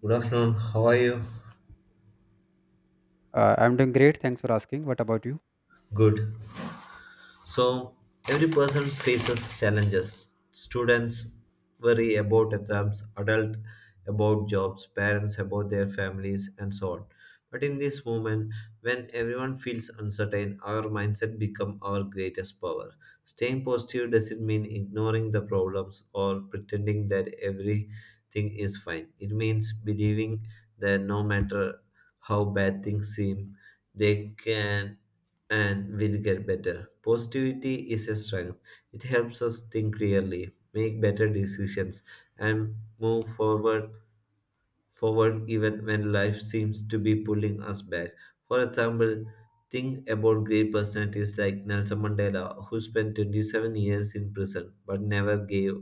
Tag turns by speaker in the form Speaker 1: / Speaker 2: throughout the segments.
Speaker 1: Good afternoon. How are you?
Speaker 2: I'm doing great. Thanks for asking. What about you?
Speaker 1: Good. So every person faces challenges. Students worry about exams, adults about jobs, parents about their families, and so on. But in this moment, when everyone feels uncertain, our mindset become our greatest power. Staying positive doesn't mean ignoring the problems or pretending that everything is fine. It means believing that no matter how bad things seem, they can and will get better. Positivity is a strength. It helps us think clearly, make better decisions, and move forward even when life seems to be pulling us back. For example, think about great personalities like Nelson Mandela, who spent 27 years in prison but never gave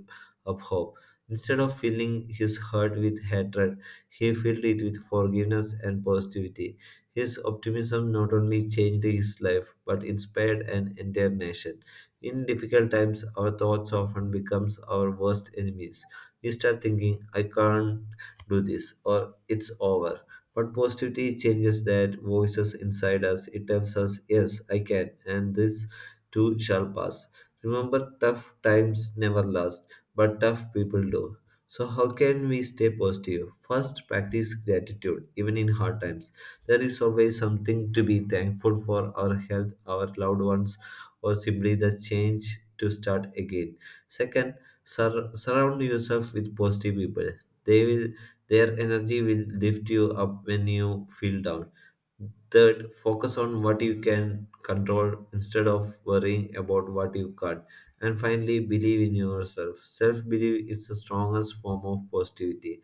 Speaker 1: up hope. Instead of filling his heart with hatred, he filled it with forgiveness and positivity. His optimism not only changed his life but inspired an entire nation. In difficult times, our thoughts often becomes our worst enemies. We start thinking, I can't do this, or it's over. But positivity changes that voices inside us. It tells us, yes, I can, and this too shall pass. Remember, tough times never last, but tough people do. So, how can we stay positive? First, practice gratitude, even in hard times. There is always something to be thankful for, our health, our loved ones, or simply the change to start again. Second, surround yourself with positive people. They will their energy will lift you up when you feel down. Third, focus on what you can control instead of worrying about what you can't. And finally, believe in yourself. Self belief is the strongest form of positivity.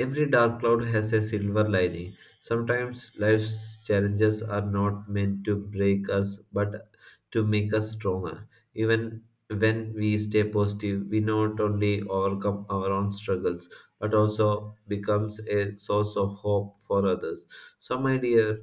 Speaker 1: Every dark cloud has a silver lining. Sometimes life's challenges are not meant to break us but to make us stronger. Even when we stay positive, we not only overcome our own struggles but also becomes a source of hope for others. So, my dear,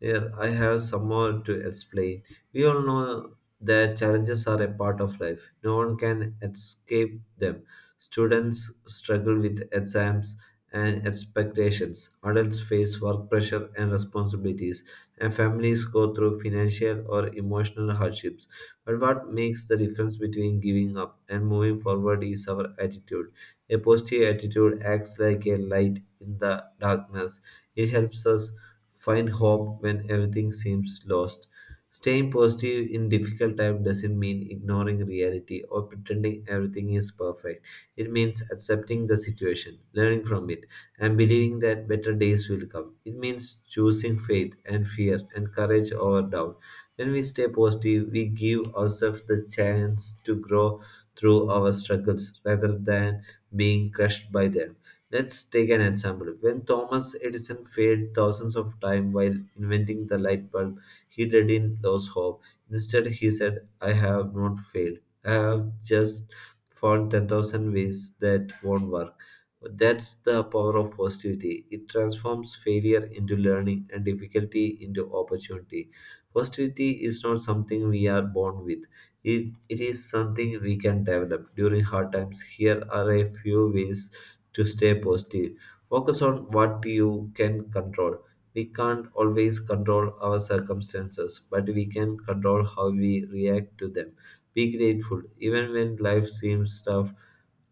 Speaker 1: here, I have some more to explain. We all know that challenges are a part of life. No one can escape them. Students struggle with exams and expectations. Adults face work pressure and responsibilities. And families go through financial or emotional hardships. But what makes the difference between giving up and moving forward is our attitude. A positive attitude acts like a light in the darkness. It helps us find hope when everything seems lost. Staying positive in difficult time doesn't mean ignoring reality or pretending everything is perfect. It means accepting the situation, learning from it, and believing that better days will come. It means choosing faith and fear and courage over doubt. When we stay positive, we give ourselves the chance to grow through our struggles rather than being crushed by them. Let's take an example. When Thomas Edison failed thousands of times while inventing the light bulb, he didn't lose hope. Instead, he said, I have not failed. I have just found 10,000 ways that won't work. That's the power of positivity. It transforms failure into learning and difficulty into opportunity. Positivity is not something we are born with. It is something we can develop during hard times. Here are a few ways to stay positive. Focus on what you can control. We can't always control our circumstances, but we can control how we react to them. Be grateful. Even when life seems tough,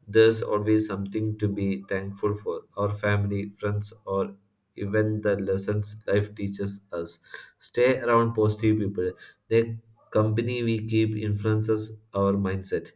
Speaker 1: there's always something to be thankful for, our family, friends, or even the lessons life teaches us. Stay around positive people. The company we keep influences our mindset.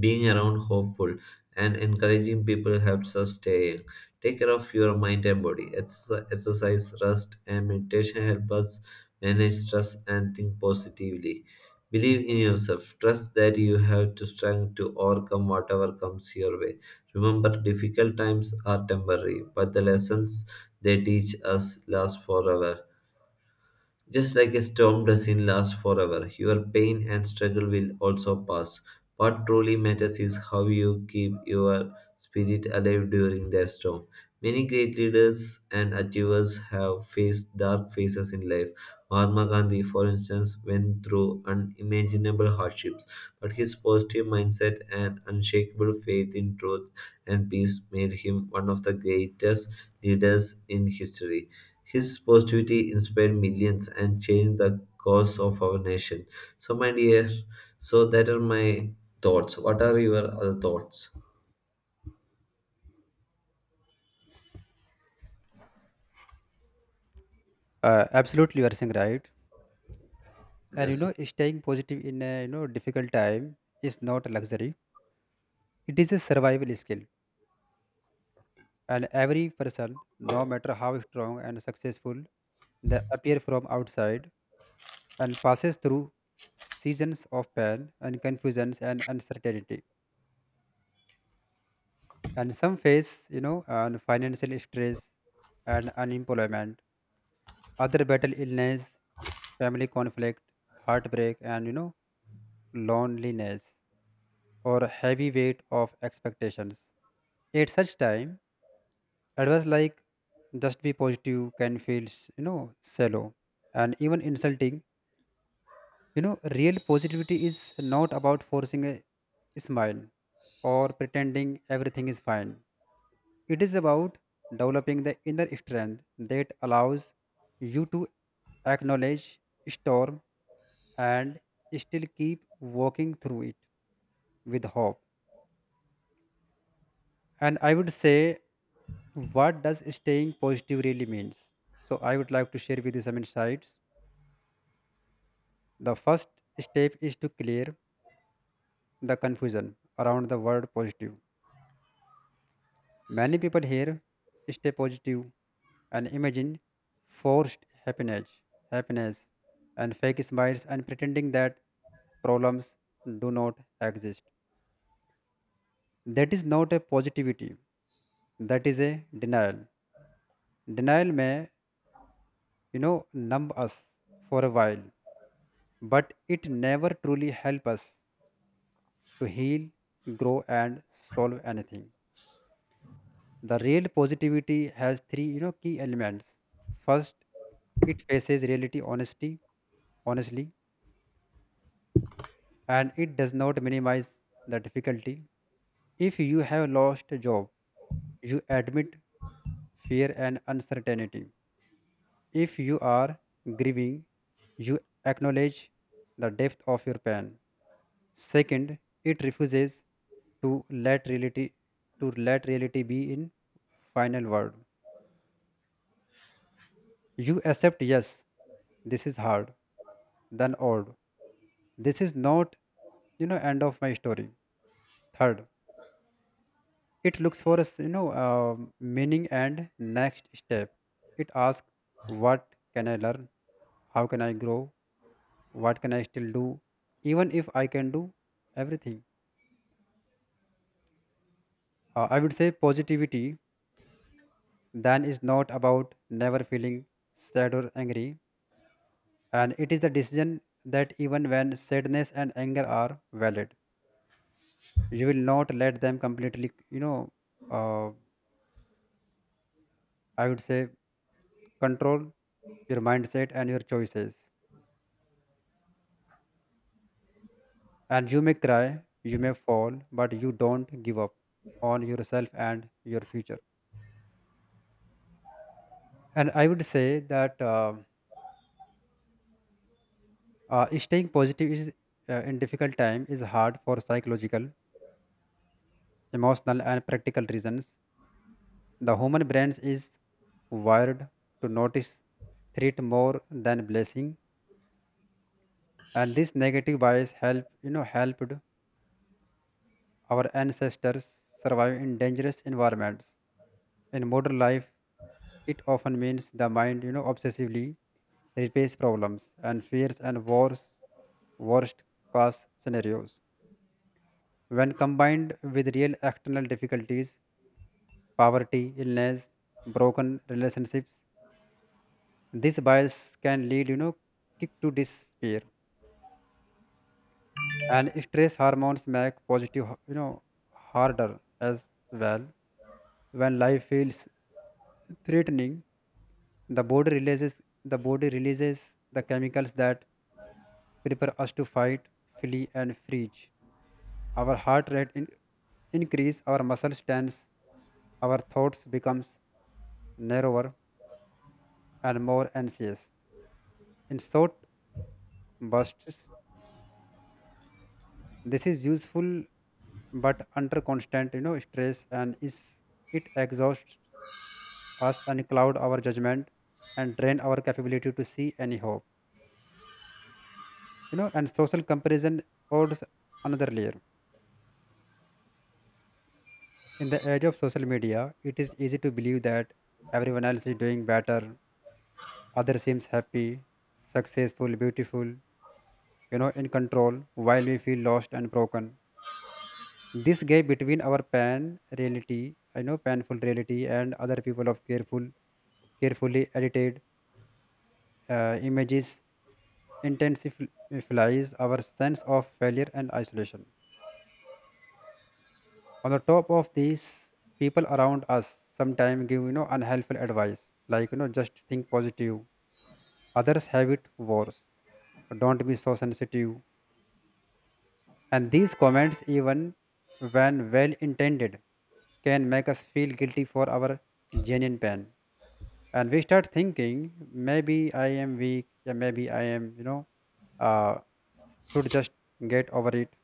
Speaker 1: Being around hopeful and encouraging people helps us stay young. Take care of your mind and body. Exercise, rest, and meditation help us manage stress and think positively. Believe in yourself. Trust that you have the strength to overcome whatever comes your way. Remember, difficult times are temporary, but the lessons they teach us last forever. Just like a storm doesn't last forever, your pain and struggle will also pass. What truly matters is how you keep your spirit alive during the storm. Many great leaders and achievers have faced dark phases in life. Mahatma Gandhi, for instance, went through unimaginable hardships, but his positive mindset and unshakable faith in truth and peace made him one of the greatest leaders in history. His positivity inspired millions and changed the course of our nation. So, my dear, so that are my thoughts. What are your other thoughts?
Speaker 2: Absolutely, you are saying right. And
Speaker 1: Yes.
Speaker 2: staying positive in a difficult time is not a luxury. It is a survival skill. And every person, no matter how strong and successful they appear from outside, and passes through seasons of pain and confusions and uncertainty. And some face and financial stress and unemployment. Other battle illness, family conflict, heartbreak, and loneliness, or heavy weight of expectations. At such time, advice like just be positive can feel, shallow and even insulting. Real positivity is not about forcing a smile or pretending everything is fine. It is about developing the inner strength that allows you to acknowledge storm and still keep walking through it with hope. And I would say, what does staying positive really means? So I would like to share with you some insights. The first step is to clear the confusion around the word positive. Many people hear stay positive and imagine forced happiness and fake smiles and pretending that problems do not exist. That is not a positivity. That is a denial. Denial may, numb us for a while but it never truly helps us to heal, grow, and solve anything. The real positivity has three, key elements. First, it faces reality honestly, and it does not minimize the difficulty. If you have lost a job, you admit fear and uncertainty. If you are grieving, you acknowledge the depth of your pain. Second, it refuses to let reality to let reality be in final word. You accept yes, this is hard, then odd. This is not end of my story. Third, it looks for us meaning and next step. It asks what can I learn, how can I grow, what can I still do, even if I can do everything. I would say positivity then is not about never feeling sad or angry, and it is the decision that even when sadness and anger are valid, you will not let them completely, uh, I would say, control your mindset and your choices. And you may cry, you may fall, but you don't give up on yourself and your future. And I would say that staying positive is in difficult time is hard for psychological, emotional, and practical reasons. The human brain is wired to notice threat more than blessing, and this negative bias helped our ancestors survive in dangerous environments. In modern life, it often means the mind obsessively replays problems and fears and wars, worst cause scenarios. When combined with real external difficulties, poverty, illness, broken relationships, this bias can lead, kick to despair, and stress hormones make positive, harder as well. When life feels threatening, the body releases the chemicals that prepare us to fight, flee, and freeze. Our increase, our muscles tense, our thoughts becomes narrower and more anxious. In short bursts, this is useful but under constant stress and is it exhausts us and cloud our judgment and drain our capability to see any hope. And social comparison adds another layer. In the age of social media it is easy to believe that everyone else is doing better, other seems happy, successful, beautiful, in control, while we feel lost and broken. This gap between our pan reality you know painful reality and other people of carefully edited images intensifies our sense of failure and isolation. On the top of these, people around us sometimes give unhelpful advice, like just think positive. Others have it worse. Don't be so sensitive. And these comments, even when well intended, can make us feel guilty for our genuine pain, and we start thinking maybe I am weak, yeah, maybe I am uh, should just get over it.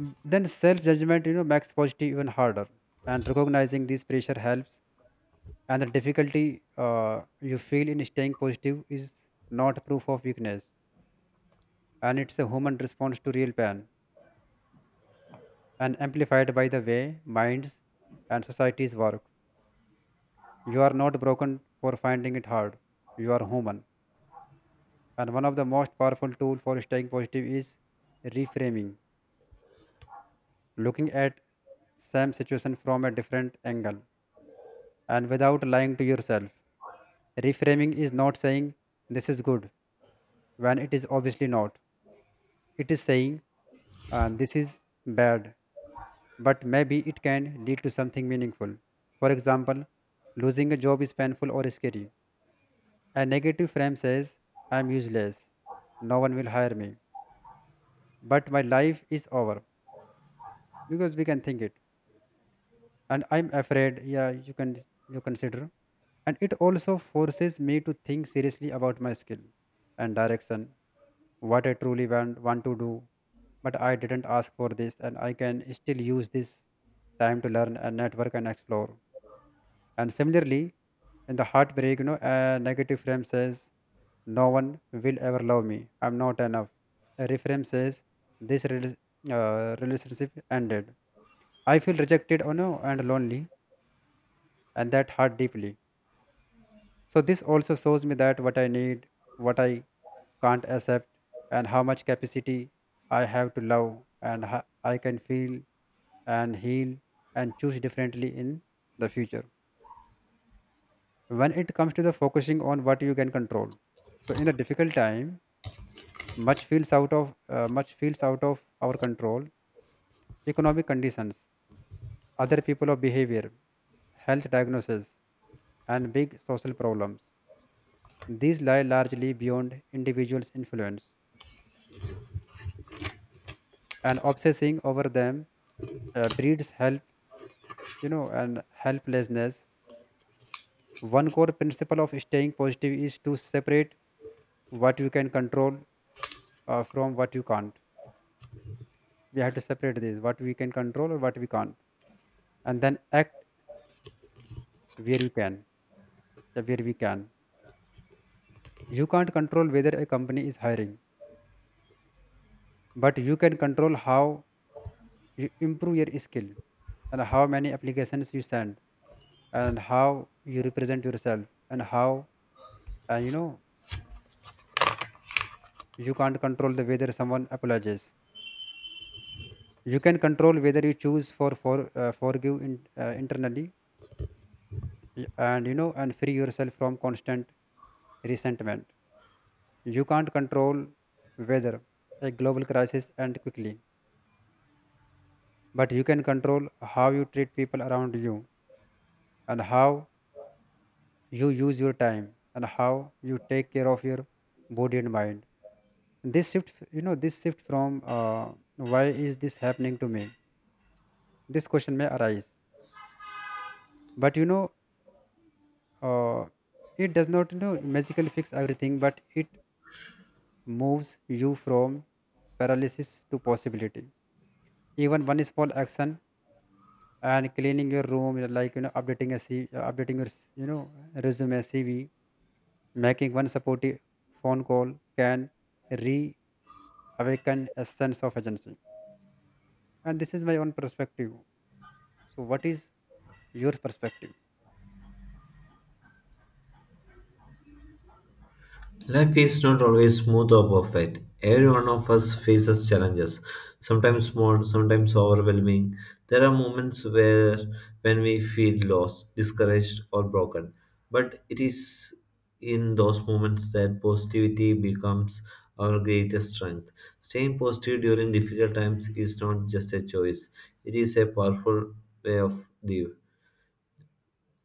Speaker 2: Then self judgment, makes positive even harder. And recognizing this pressure helps. And the difficulty you feel in staying positive is not proof of weakness, and it's a human response to real pain, and amplified by the way minds and societies work. You are not broken for finding it hard. You are human. And one of the most powerful tool for staying positive is reframing, looking at same situation from a different angle and without lying to yourself. Reframing is not saying this is good when it is obviously not. It is saying this is bad, but maybe it can lead to something meaningful. For example, losing a job is painful or scary. A negative frame says, I am useless, no one will hire me, but my life is over because we can think it. And I'm afraid, yeah, you can you consider. And it also forces me to think seriously about my skill and direction, what I truly want to do, but I didn't ask for this, and I can still use this time to learn and network and explore. And similarly, in the heartbreak, a negative frame says, no one will ever love me, I'm not enough. A reframe says, this relationship ended. I feel rejected, oh no, and lonely, and that hurt deeply. So, this also shows me that what I need, what I can't accept, and how much capacity I have to love, and how I can feel and heal and choose differently in the future. When it comes to the focusing on what you can control, so in the difficult time, much feels out of our control. Economic conditions, other people of behavior, health diagnosis, and big social problems. These lie largely beyond individuals' influence, and obsessing over them breeds help you know and helplessness. One core principle of staying positive is to separate what you can control from what you can't. We have to separate this, what we can control or what we can't, and then act where you can, where we can. You can't control whether a company is hiring, but you can control how you improve your skill, and how many applications you send, and how you represent yourself, and how, and you know you can't control the whether someone apologizes. You can control whether you choose forgive in, internally, and free yourself from constant resentment. You can't control whether a global crisis end quickly, but you can control how you treat people around you, and how you use your time, and how you take care of your body and mind. this shift this shift from why is this happening to me, this question may arise, but uh, it does not magically fix everything, but it moves you from paralysis to possibility. Even one small action, and cleaning your room, updating updating your resume, cv, making one supportive phone call can reawaken a sense of agency. And this is my own perspective, so what is your perspective?
Speaker 1: Life is not always smooth or perfect. Every one of us faces challenges, sometimes small, sometimes overwhelming. There are moments where, when we feel lost, discouraged or broken. But it is in those moments that positivity becomes our greatest strength. Staying positive during difficult times is not just a choice, it is a powerful way of life.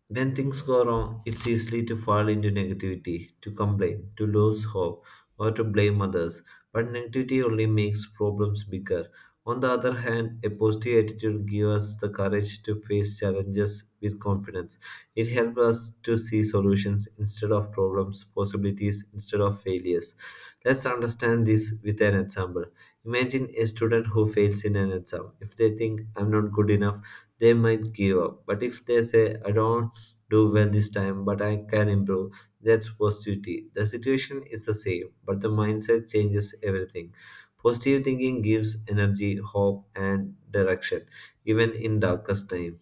Speaker 1: When things go wrong, it's easy to fall into negativity, to complain, to lose hope, or to blame others. But negativity only makes problems bigger. On the other hand, a positive attitude gives us the courage to face challenges with confidence. It helps us to see solutions instead of problems, possibilities instead of failures. Let's understand this with an example. Imagine a student who fails in an exam. If they think, I'm not good enough, they might give up. But if they say, I don't do well this time, but I can improve. That's positivity. The situation is the same, but the mindset changes everything. Positive thinking gives energy, hope, and direction, even in darkest times.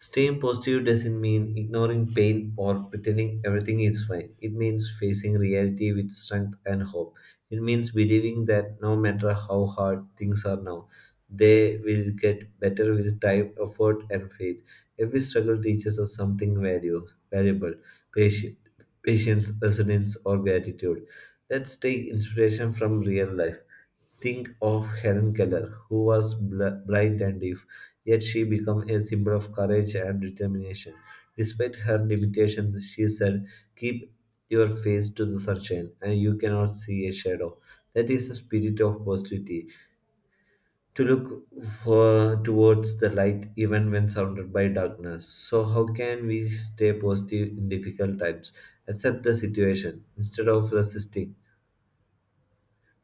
Speaker 1: Staying positive doesn't mean ignoring pain or pretending everything is fine. It means facing reality with strength and hope. It means believing that no matter how hard things are now, they will get better with time, effort, and faith. Every struggle teaches us something valuable, patient, patience, resilience, or gratitude. Let's take inspiration from real life. Think of Helen Keller, who was blind and deaf, yet she became a symbol of courage and determination. Despite her limitations, she said, keep your face to the sunshine, and you cannot see a shadow. That is the spirit of positivity, to look for, towards the light even when surrounded by darkness. So, how can we stay positive in difficult times? Accept the situation instead of resisting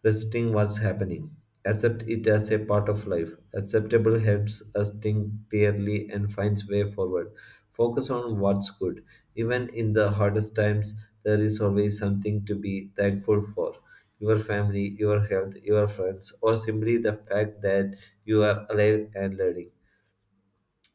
Speaker 1: Resisting what's happening. Accept it as a part of life. Acceptable helps us think clearly and finds way forward. Focus on what's good. Even in the hardest times, there is always something to be thankful for. Your family, your health, your friends, or simply the fact that you are alive and learning.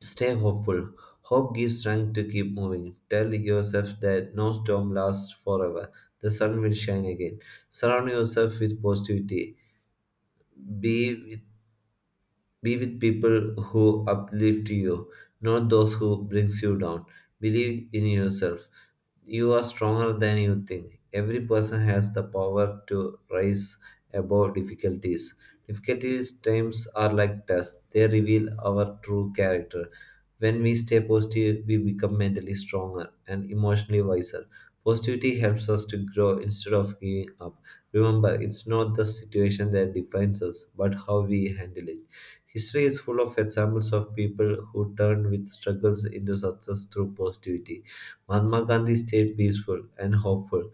Speaker 1: Stay hopeful. Hope gives strength to keep moving. Tell yourself that no storm lasts forever. The sun will shine again. Surround yourself with positivity. B Be with people who uplift you, not those who brings you down. Believe in yourself. You are stronger than you think. Every person has the power to rise above difficulties. Difficulties times are like tests. They reveal our true character. When we stay positive, we become mentally stronger and emotionally wiser. Positivity helps us to grow instead of giving up. Remember, it's not the situation that defines us, but how we handle it. History is full of examples of people who turned with struggles into success through positivity. Mahatma Gandhi stayed peaceful and hopeful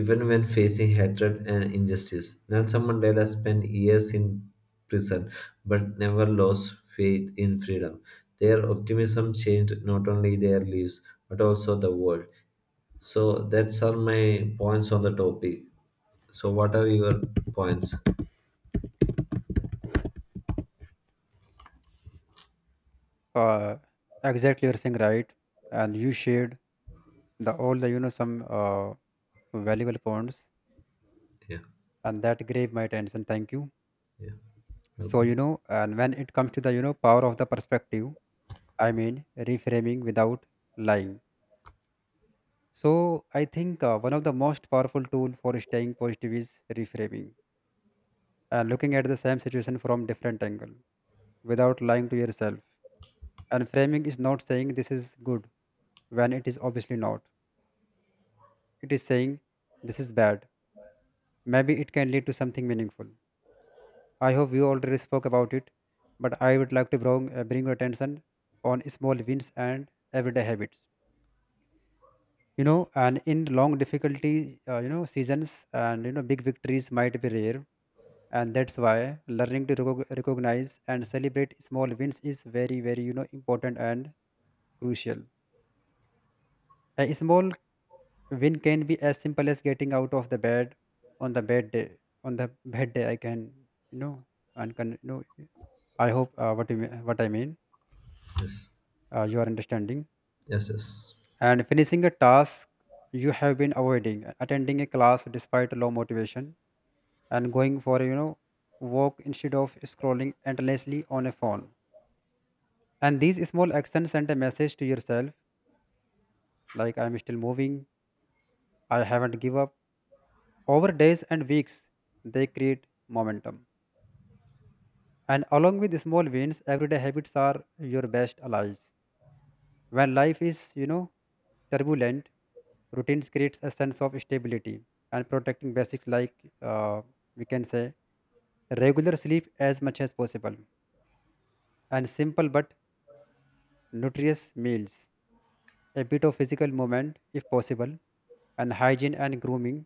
Speaker 1: even when facing hatred and injustice. Nelson Mandela spent years in prison but never lost faith in freedom. Their optimism changed not only their lives but also the world. So that's all my points on the topic. So what are your points?
Speaker 2: uh, exactly, you're saying right, and you shared the all the you know some valuable points,
Speaker 1: Yeah,
Speaker 2: and that gave my attention, thank you.
Speaker 1: yeah.
Speaker 2: So
Speaker 1: Welcome.
Speaker 2: you know And when it comes to the power of the perspective, I mean reframing without lying. So I think one of the most powerful tool for staying positive is reframing, and looking at the same situation from different angle without lying to yourself. And framing is not saying this is good when it is obviously not. It is saying this is bad, maybe it can lead to something meaningful. I hope we already spoke about it, but I would like to bring your attention on small wins and everyday habits. You know, and in long difficulty, seasons and big victories might be rare, and that's why learning to recognize and celebrate small wins is very, very important and crucial. A small win can be as simple as getting out of the bed on the bad day. On the bad day, I can you know and can. I hope what I mean,
Speaker 1: Yes.
Speaker 2: you are understanding.
Speaker 1: Yes, yes.
Speaker 2: And finishing a task you have been avoiding, attending a class despite low motivation, and going for a, you know walk instead of scrolling endlessly on a phone. And these small actions send a message to yourself, like I'm still moving, I haven't give up. Over days and weeks, they create momentum. And along with small wins, everyday habits are your best allies. When life is, you know, turbulent, routines creates a sense of stability. And protecting basics like, uh, we can say, regular sleep as much as possible, and simple but nutritious meals, a bit of physical movement if possible, and hygiene and grooming,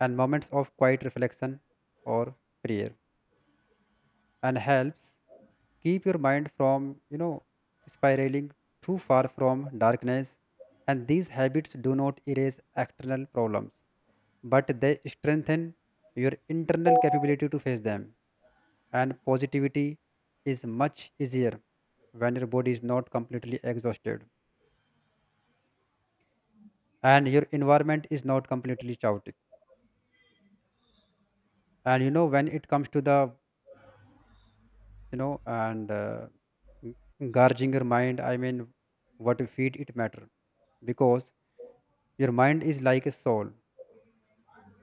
Speaker 2: and moments of quiet reflection or prayer. And helps keep your mind from spiraling too far from darkness. And these habits do not erase external problems, but they strengthen your internal capability to face them. And positivity is much easier when your body is not completely exhausted and your environment is not completely chaotic. And you know, when it comes to the you know and uh, g- gorging your mind, I mean, what you feed it matter. Because your mind is like a soul,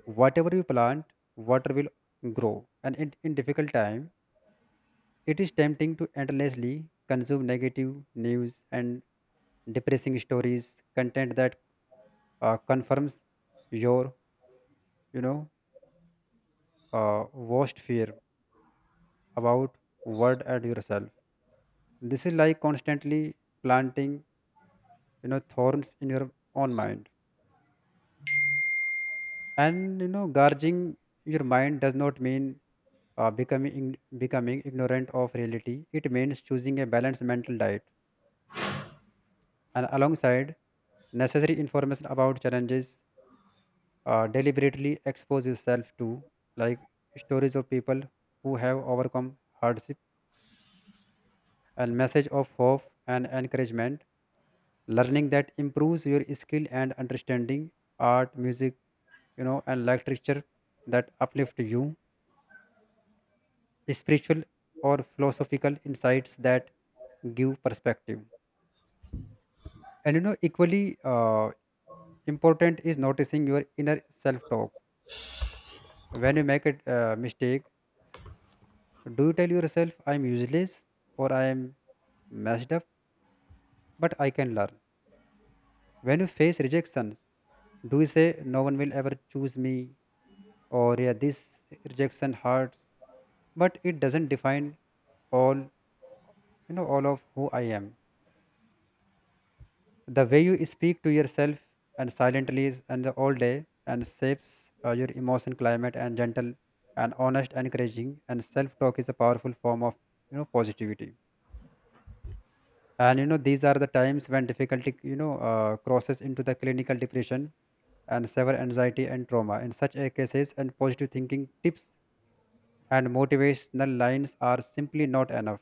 Speaker 2: whatever you plant, water, will grow. And in difficult time, it is tempting to endlessly consume negative news and depressing stories, content that confirms your you know uh, worst fear about world and yourself. This is like constantly planting, you know, thorns in your own mind. And you know, gorging your mind does not mean becoming ignorant of reality. It means choosing a balanced mental diet. And alongside necessary information about challenges, deliberately expose yourself to, like, stories of people who have overcome hardship, and message of hope and encouragement, learning that improves your skill and understanding, art, music, you know, and literature that uplift you, spiritual or philosophical insights that give perspective. And you know, equally important is noticing your inner self talk. When you make a mistake, do you tell yourself, "I'm useless," or "I am messed up, but I can learn?" When you face rejection, do you say, "No one will ever choose me," or "Yeah, this rejection hurts, but it doesn't define all all of who I am?" The way you speak to yourself and silently is- and the all day and shapes your emotion climate. And gentle and honest encouraging and self talk is a powerful form of, you know, positivity. And you know, these are the times when difficulty, crosses into the clinical depression and severe anxiety and trauma. In such a cases, and positive thinking tips and motivational lines are simply not enough.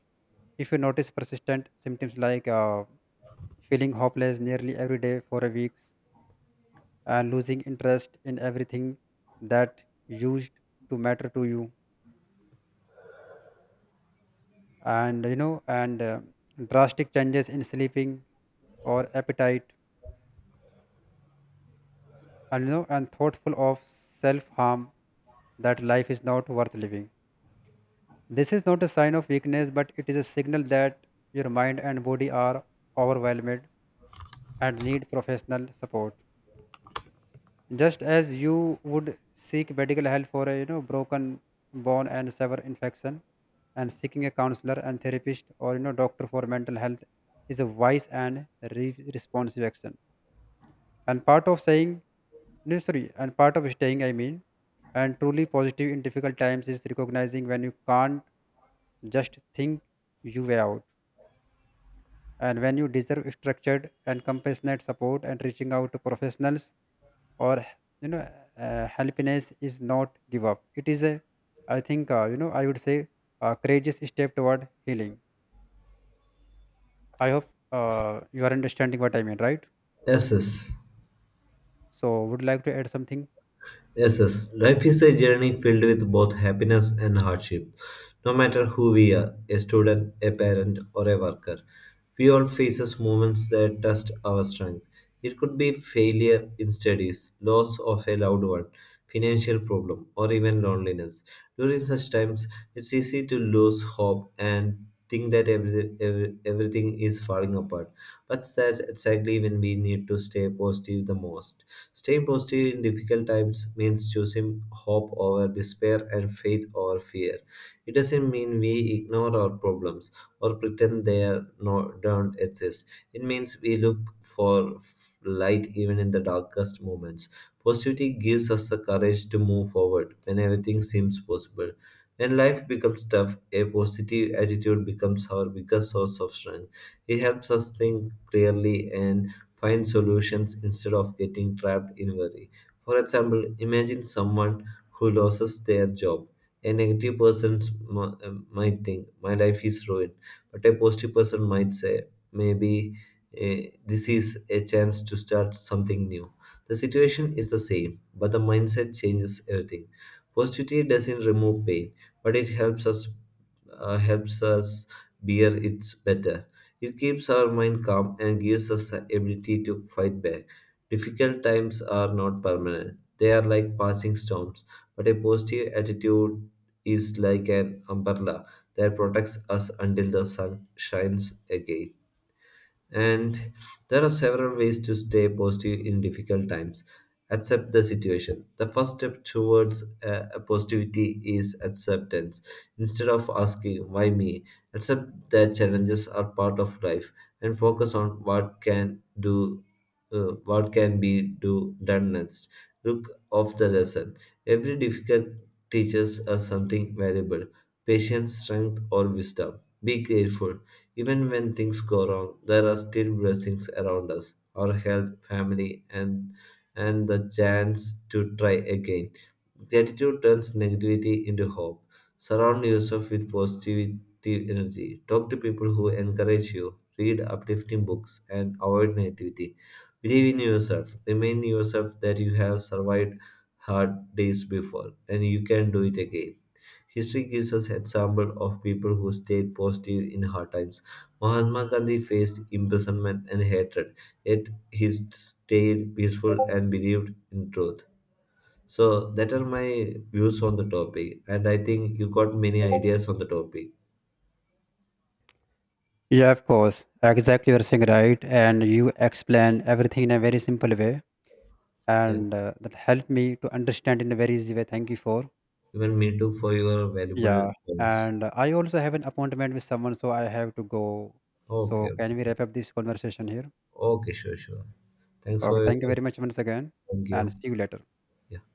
Speaker 2: If you notice persistent symptoms like, feeling hopeless nearly every day for a week's, losing interest in everything that used to matter to you, and you know, and drastic changes in sleeping or appetite, and you know, and thoughtful of self harm, that life is not worth living. This is not a sign of weakness, but it is a signal that your mind and body are overwhelmed and need professional support. Just as you would seek medical help for a, you know, broken bone and severe infection, and seeking a counselor and therapist or, you know, doctor for mental health is a wise and responsive action. And part of saying no, sorry, and part of staying, I mean, and truly positive in difficult times is recognizing when you can't just think your way out, and when you deserve structured and compassionate support and reaching out to professionals. Or you know, happiness is not give up. It is a, I think, I would say, a courageous step toward healing. I hope you are understanding what I mean, right?
Speaker 1: Yes, yes,
Speaker 2: So would you like to add something?
Speaker 1: yes, yes. Life is a journey filled with both happiness and hardship. No matter who we are, a student, a parent, or a worker, we all faces moments that test our strength. It could be failure in studies, loss of a loved one, financial problem, or even loneliness. During such times, it's easy to lose hope and think that everything is falling apart. But that's exactly when we need to stay positive the most. Staying positive in difficult times means choosing hope over despair and faith over fear. It doesn't mean we ignore our problems or pretend they are not, don't exist. It means we look for light even in the darkest moments. Positivity gives us the courage to move forward when everything seems possible. When life becomes tough, a positive attitude becomes our biggest source of strength. It helps us think clearly and find solutions instead of getting trapped in worry. For example, imagine someone who loses their job. A negative person might think, my life is ruined. But a positive person might say, maybe this is a chance to start something new. The situation is the same, but the mindset changes everything. Positivity doesn't remove pain, but it helps us bear it better. It keeps our mind calm and gives us the ability to fight back. Difficult times are not permanent, they are like passing storms, but a positive attitude is like an umbrella that protects us until the sun shines again. And there are several ways to stay positive in difficult times. Accept the situation. The first step towards a positivity is acceptance. Instead of asking, why me? Accept that challenges are part of life and focus on what can be done next. Look of the lesson. Every difficult teaches us something valuable. Patience, strength, or wisdom. Be grateful. Even when things go wrong, there are still blessings around us, our health, family, and the chance to try again. Gratitude turns negativity into hope. Surround yourself with positive energy. Talk to people who encourage you. Read uplifting books and avoid negativity. Believe in yourself. Remind yourself that you have survived hard days before and you can do it again. History gives us example of people who stayed positive in hard times. Mahatma Gandhi faced imprisonment and hatred, yet he stayed peaceful and believed in truth. So that are my views on the topic, and I think you got many ideas on the topic.
Speaker 2: Yeah, of course. Exactly, you're saying right, and you explain everything in a very simple way.
Speaker 1: Yes,
Speaker 2: And that helped me to understand in a very easy way. Thank you for,
Speaker 1: even me too for your valuable
Speaker 2: yeah.
Speaker 1: points.
Speaker 2: And I also have an appointment with someone, so I have to go.
Speaker 1: Okay,
Speaker 2: So can we
Speaker 1: okay,
Speaker 2: wrap up this conversation here?
Speaker 1: okay, sure, sure. Thanks
Speaker 2: Okay,
Speaker 1: for your
Speaker 2: thank you very much once again,
Speaker 1: thank
Speaker 2: and
Speaker 1: you.
Speaker 2: see you later.
Speaker 1: Yeah.